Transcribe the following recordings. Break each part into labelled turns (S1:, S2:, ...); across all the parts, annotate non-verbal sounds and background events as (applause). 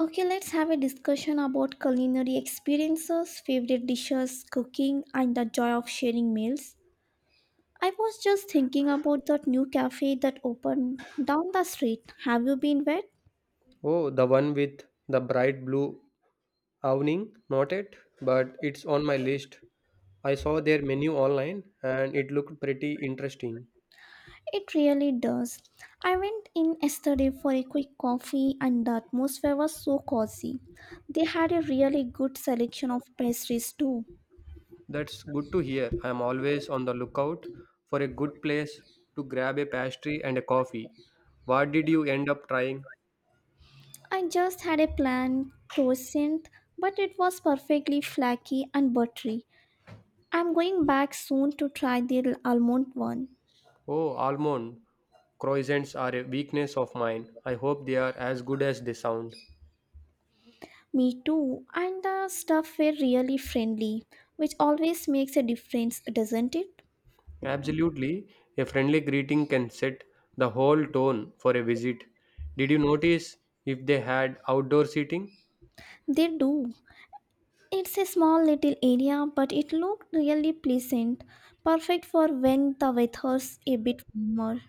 S1: Okay, let's have a discussion about culinary experiences, favorite dishes, cooking, and the joy of sharing meals. I was just thinking about that new cafe that opened down the street. Have you been there?
S2: Oh, the one with the bright blue awning? Not it, but it's on my list. I saw their menu online and it looked pretty interesting.
S1: It really does. I went in yesterday for a quick coffee, and the atmosphere was so cozy. They had a really good selection of pastries too.
S2: That's good to hear. I'm always on the lookout for a good place to grab a pastry and a coffee. What did you end up trying?
S1: I just had a plain croissant, but it was perfectly flaky and buttery. I'm going back soon to try the almond one.
S2: Oh, almond croissants are a weakness of mine. I hope they are as good as they sound.
S1: Me too. And the stuff were really friendly, which always makes a difference, doesn't it?
S2: Absolutely. A friendly greeting can set the whole tone for a visit. Did you notice if they had outdoor seating?
S1: They do. It's a small little area, but it looked really pleasant, perfect for when the weather's a bit warmer.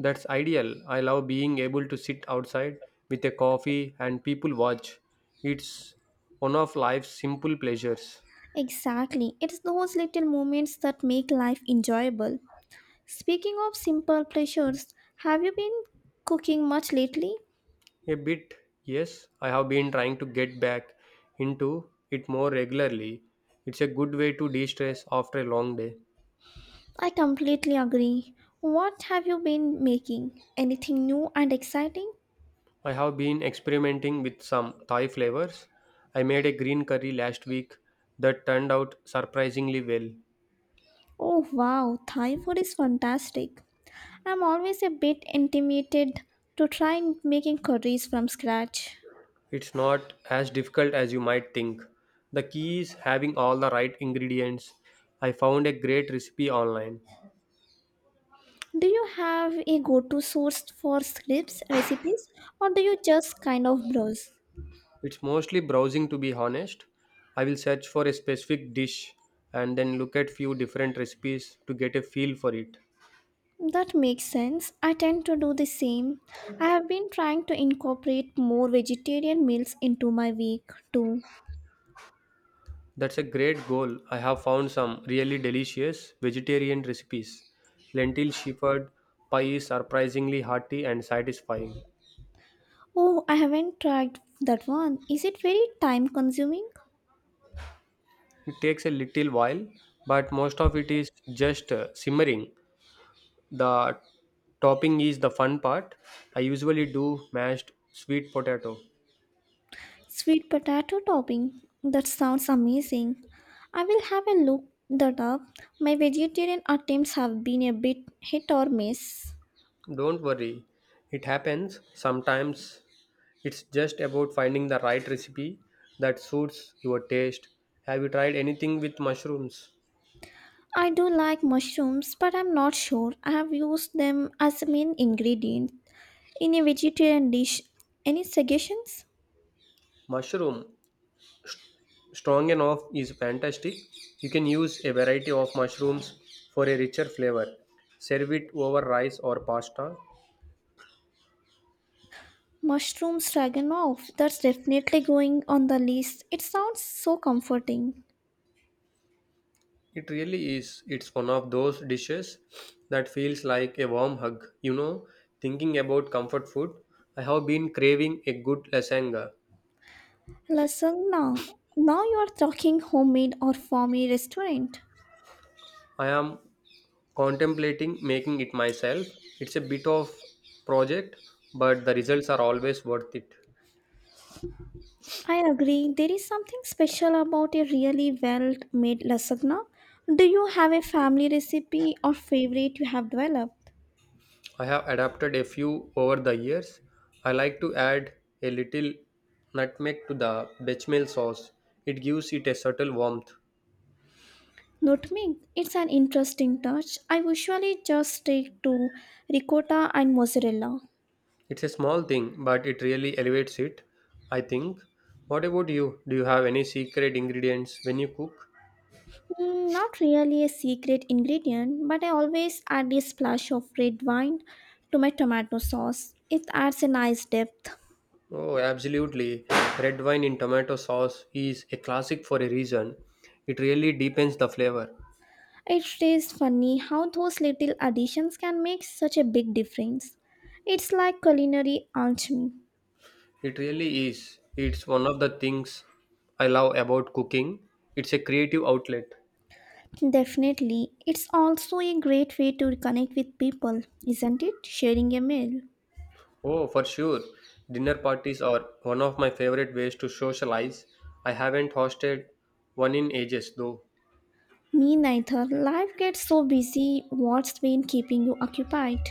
S2: That's ideal. I love being able to sit outside with a coffee and people watch. It's one of life's simple pleasures.
S1: Exactly. It's those little moments that make life enjoyable. Speaking of simple pleasures, have you been cooking much lately?
S2: A bit, yes. I have been trying to get back into it more regularly. It's a good way to de stress after a long day.
S1: I completely agree. What have you been making? Anything new and exciting?
S2: I have been experimenting with some Thai flavors. I made a green curry last week that turned out surprisingly well.
S1: Oh wow, Thai food is fantastic. I'm always a bit intimidated to try making curries from scratch.
S2: It's not as difficult as you might think. The key is having all the right ingredients. I found a great recipe online.
S1: Do you have a go to source for scripts, recipes, or do you just kind of browse?
S2: It's mostly browsing, to be honest. I will search for a specific dish and then look at few different recipes to get a feel for it.
S1: That makes sense. I tend to do the same. I have been trying to incorporate more vegetarian meals into my week too.
S2: That's a great goal. I have found some really delicious vegetarian recipes. Lentil shepherd pie is surprisingly hearty and satisfying.
S1: Oh, I haven't tried that one. Is it very time consuming?
S2: It takes a little while, but most of it is just simmering. The topping is the fun part. I usually do mashed sweet potato.
S1: Sweet potato topping. That sounds amazing. I will have a look that up. My vegetarian attempts have been a bit hit or miss.
S2: Don't worry, it happens. Sometimes it's just about finding the right recipe that suits your taste. Have you tried anything with mushrooms?
S1: I do like mushrooms, but I'm not sure I have used them as a main ingredient in a vegetarian dish. Any suggestions?
S2: Mushroom Strong and off is fantastic. You can use a variety of mushrooms for a richer flavor. Serve it over rice or pasta.
S1: Mushroom stroganoff. That's definitely going on the list. It sounds so comforting.
S2: It really is. It's one of those dishes that feels like a warm hug. You know, thinking about comfort food, I have been craving a good lasagna.
S1: Lasagna. Now you are talking homemade or farmy restaurant.
S2: I am contemplating making it myself. It's a bit of project, but the results are always worth it.
S1: I agree. There is something special about a really well made lasagna. Do you have a family recipe or favorite you have developed?
S2: I have adapted a few over the years. I like to add a little nutmeg to the bechamel sauce. It gives it a subtle warmth.
S1: Not me. It's an interesting touch. I usually just stick to ricotta and mozzarella.
S2: It's a small thing, but it really elevates it, I think. What about you? Do you have any secret ingredients when you cook?
S1: Not really a secret ingredient, but I always add a splash of red wine to my tomato sauce. It adds a nice depth.
S2: Oh, absolutely. Red wine in tomato sauce is a classic for a reason. It really deepens the flavor.
S1: It is funny how those little additions can make such a big difference. It's like culinary alchemy.
S2: It really is. It's one of the things I love about cooking. It's a creative outlet.
S1: Definitely. It's also a great way to connect with people, isn't it? Sharing a meal.
S2: Oh, for sure. Dinner parties are one of my favorite ways to socialize. I haven't hosted one in ages though.
S1: Me neither. Life gets so busy. What's been keeping you occupied?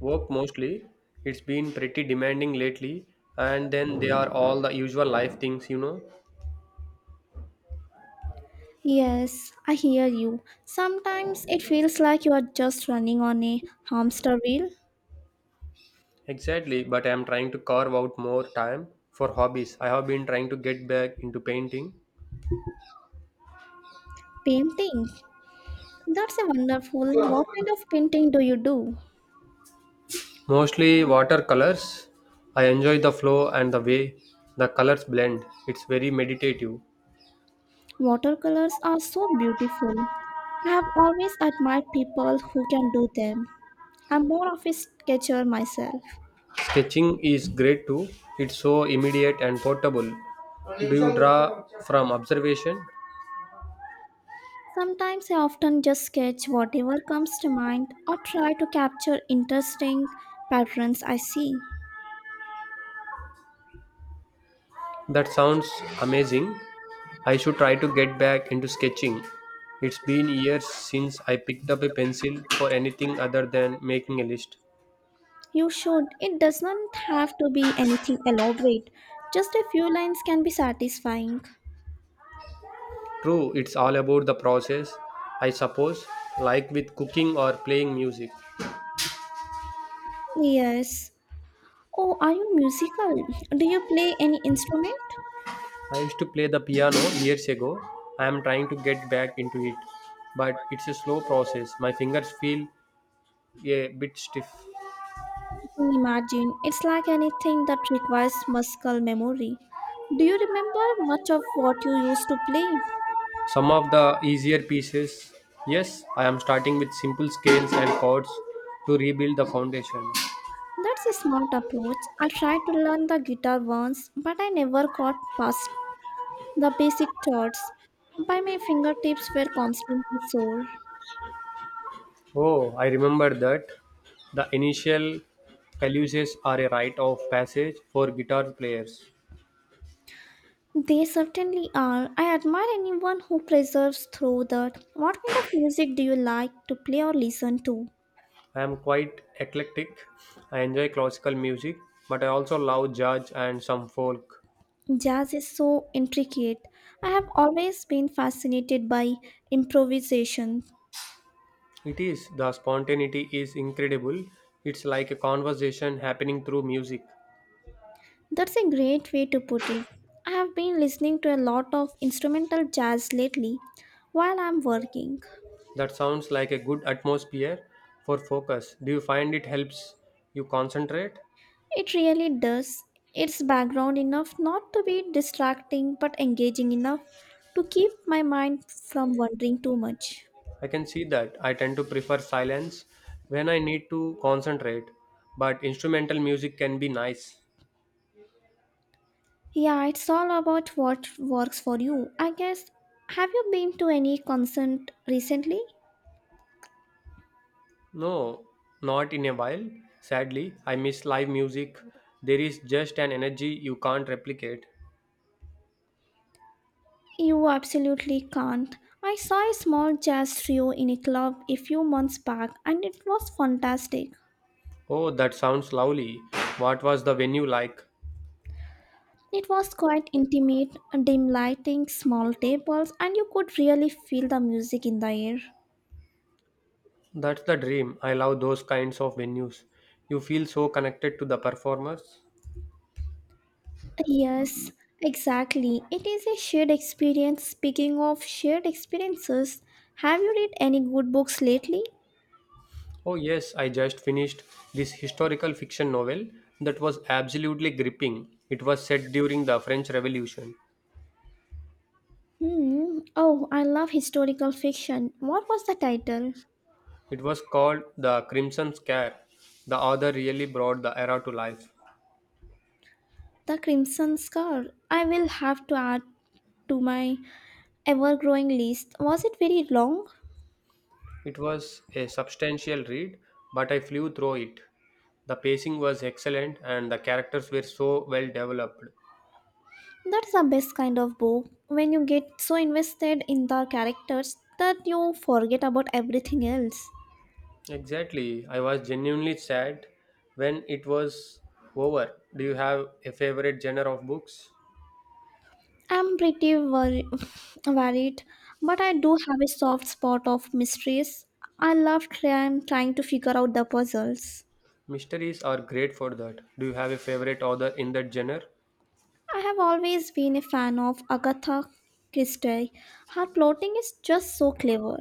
S2: Work mostly. It's been pretty demanding lately, and then they are all the usual life things, you know.
S1: Yes, I hear you. Sometimes it feels like you are just running on a hamster wheel.
S2: Exactly, but I'm trying to carve out more time for hobbies. I have been trying to get back into painting,
S1: Painting. That's a wonderful. What kind of painting do you do?
S2: mostly watercolors. I enjoy the flow and the way the colors blend. It's very meditative.
S1: Watercolors are so beautiful. I have always admired people who can do them. I'm more of a sketcher myself.
S2: Sketching is great too. It's so immediate and portable. Do you draw from observation?
S1: Sometimes I often just sketch whatever comes to mind or try to capture interesting patterns I see.
S2: That sounds amazing. I should try to get back into sketching. It's been years since I picked up a pencil for anything other than making a list.
S1: You should. It doesn't have to be anything elaborate. Just a few lines can be satisfying.
S2: True, it's all about the process, I suppose, like with cooking or playing music.
S1: Yes. Oh, are you musical? Do you play any instrument?
S2: I used to play the piano years ago. I am trying to get back into it, but it's a slow process. My fingers feel a bit stiff.
S1: Imagine, it's like anything that requires muscle memory. Do you remember much of what you used to play?
S2: Some of the easier pieces. Yes, I am starting with simple scales and chords to rebuild the foundation.
S1: That's a smart approach. I tried to learn the guitar once, but I never got past the basic chords. By my fingertips were constantly sore.
S2: Oh, I remember that. The initial caluses are a rite of passage for guitar players.
S1: They certainly are. I admire anyone who preserves through that. What kind of music do you like to play or listen to?
S2: I am quite eclectic. I enjoy classical music, but I also love jazz and some folk.
S1: Jazz is so intricate. I have always been fascinated by improvisation.
S2: It is, the spontaneity is incredible. It's like a conversation happening through music.
S1: That's a great way to put it. I have been listening to a lot of instrumental jazz lately while I'm working.
S2: That sounds like a good atmosphere for focus. Do you find it helps you concentrate?
S1: It really does. It's background enough not to be distracting but engaging enough to keep my mind from wandering too much.
S2: I can see that. I tend to prefer silence when I need to concentrate, but instrumental music can be nice.
S1: Yeah, it's all about what works for you. I guess. Have you been to any concert recently?
S2: No, not in a while. Sadly, I miss live music. There is just an energy you can't replicate.
S1: You absolutely can't. I saw a small jazz trio in a club a few months back and it was fantastic.
S2: Oh, that sounds lovely. What was the venue like?
S1: It was quite intimate, dim lighting, small tables, and you could really feel the music in the air.
S2: That's the dream. I love those kinds of venues. You feel so connected to the performers.
S1: Yes, exactly. It is a shared experience. Speaking of shared experiences, have you read any good books lately?
S2: Oh, yes, I just finished this historical fiction novel that was absolutely gripping. It was set during the French Revolution.
S1: Hmm. Oh, I love historical fiction. What was the title?
S2: It was called The Crimson Scare. The author really brought the era to life.
S1: The Crimson Scar. I will have to add to my ever growing list. Was it very long?
S2: It was a substantial read, but I flew through it. The pacing was excellent and the characters were so well developed.
S1: That's the best kind of book when you get so invested in the characters that you forget about everything else.
S2: Exactly, I was genuinely sad when it was over. Do you have a favorite genre of books?
S1: I'm pretty (laughs) worried, but I do have a soft spot of mysteries. I love trying to figure out the puzzles.
S2: Mysteries are great for that. Do you have a favorite author in that genre?
S1: I have always been a fan of Agatha Christie. Her plotting is just so clever.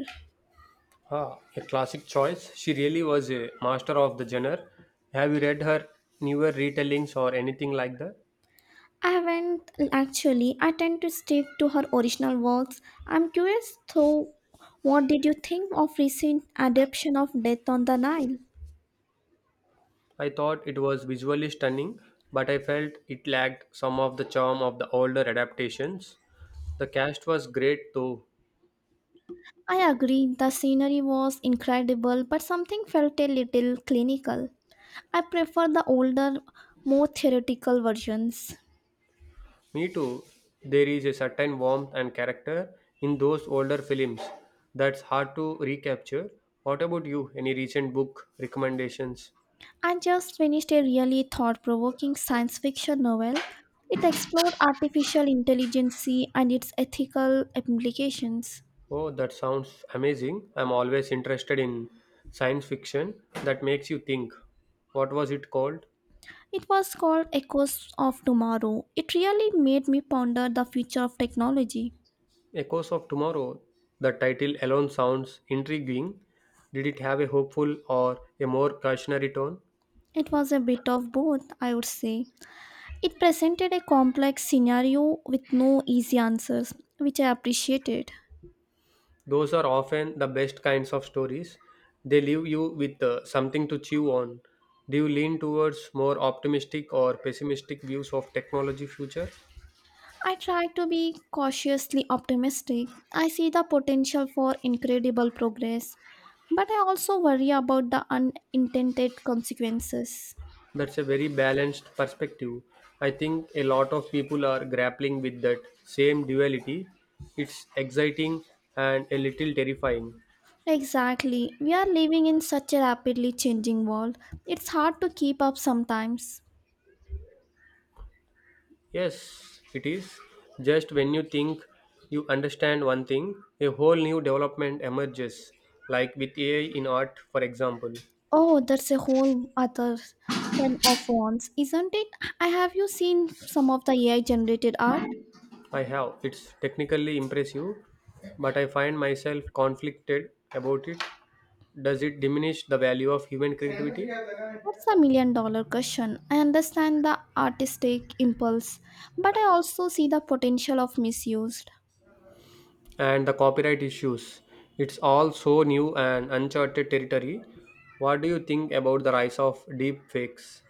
S2: Ah, a classic choice. She really was a master of the genre. Have you read her newer retellings or anything like that?
S1: I haven't actually. I tend to stick to her original works. I'm curious though, what did you think of recent adaptation of Death on the Nile?
S2: I thought it was visually stunning, but I felt it lacked some of the charm of the older adaptations. The cast was great though.
S1: I agree, the scenery was incredible, but something felt a little clinical. I prefer the older, more theoretical versions.
S2: Me too. There is a certain warmth and character in those older films that's hard to recapture. What about you? Any recent book recommendations?
S1: I just finished a really thought provoking science fiction novel. It explored artificial intelligence and its ethical implications.
S2: Oh, that sounds amazing. I'm always interested in science fiction that makes you think. What was it called?
S1: It was called Echoes of Tomorrow. It really made me ponder the future of technology.
S2: Echoes of Tomorrow. The title alone sounds intriguing. Did it have a hopeful or a more cautionary tone?
S1: It was a bit of both, I would say. It presented a complex scenario with no easy answers, which I appreciated.
S2: Those are often the best kinds of stories. They leave you with something to chew on. Do you lean towards more optimistic or pessimistic views of technology future?
S1: I try to be cautiously optimistic. I see the potential for incredible progress, but I also worry about the unintended consequences.
S2: That's a very balanced perspective. I think a lot of people are grappling with that same duality. It's exciting and a little terrifying.
S1: Exactly. We are living in such a rapidly changing world. It's hard to keep up sometimes.
S2: Yes, it is. Just when you think you understand one thing, a whole new development emerges, like with AI in art, for example.
S1: Oh, that's a whole other ten of wands, isn't it? I have you seen some of the AI generated art?
S2: I have. It's technically impressive, but I find myself conflicted about it. Does it diminish the value of human creativity?
S1: That's a million dollar question. I understand the artistic impulse, but I also see the potential of misused.
S2: And the copyright issues. It's all so new and uncharted territory. What do you think about the rise of deep fakes?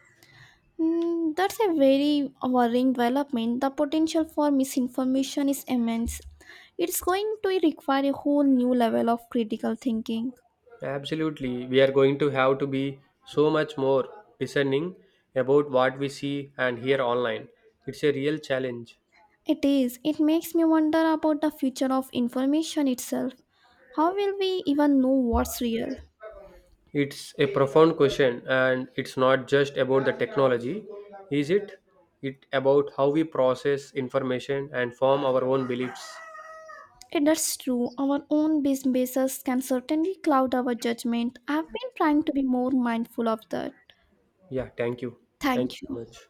S1: That's a very worrying development. The potential for misinformation is immense. It's going to require a whole new level of critical thinking.
S2: Absolutely, we are going to have to be so much more discerning about what we see and hear online. It's a real challenge.
S1: It is. It makes me wonder about the future of information itself. How will we even know what's real?
S2: It's a profound question, and it's not just about the technology, is it? It about how we process information and form our own beliefs.
S1: If that's true, our own basis can certainly cloud our judgment. I've been trying to be more mindful of that.
S2: Yeah, thank you. Thank you
S1: Thank
S2: so
S1: you.
S2: much.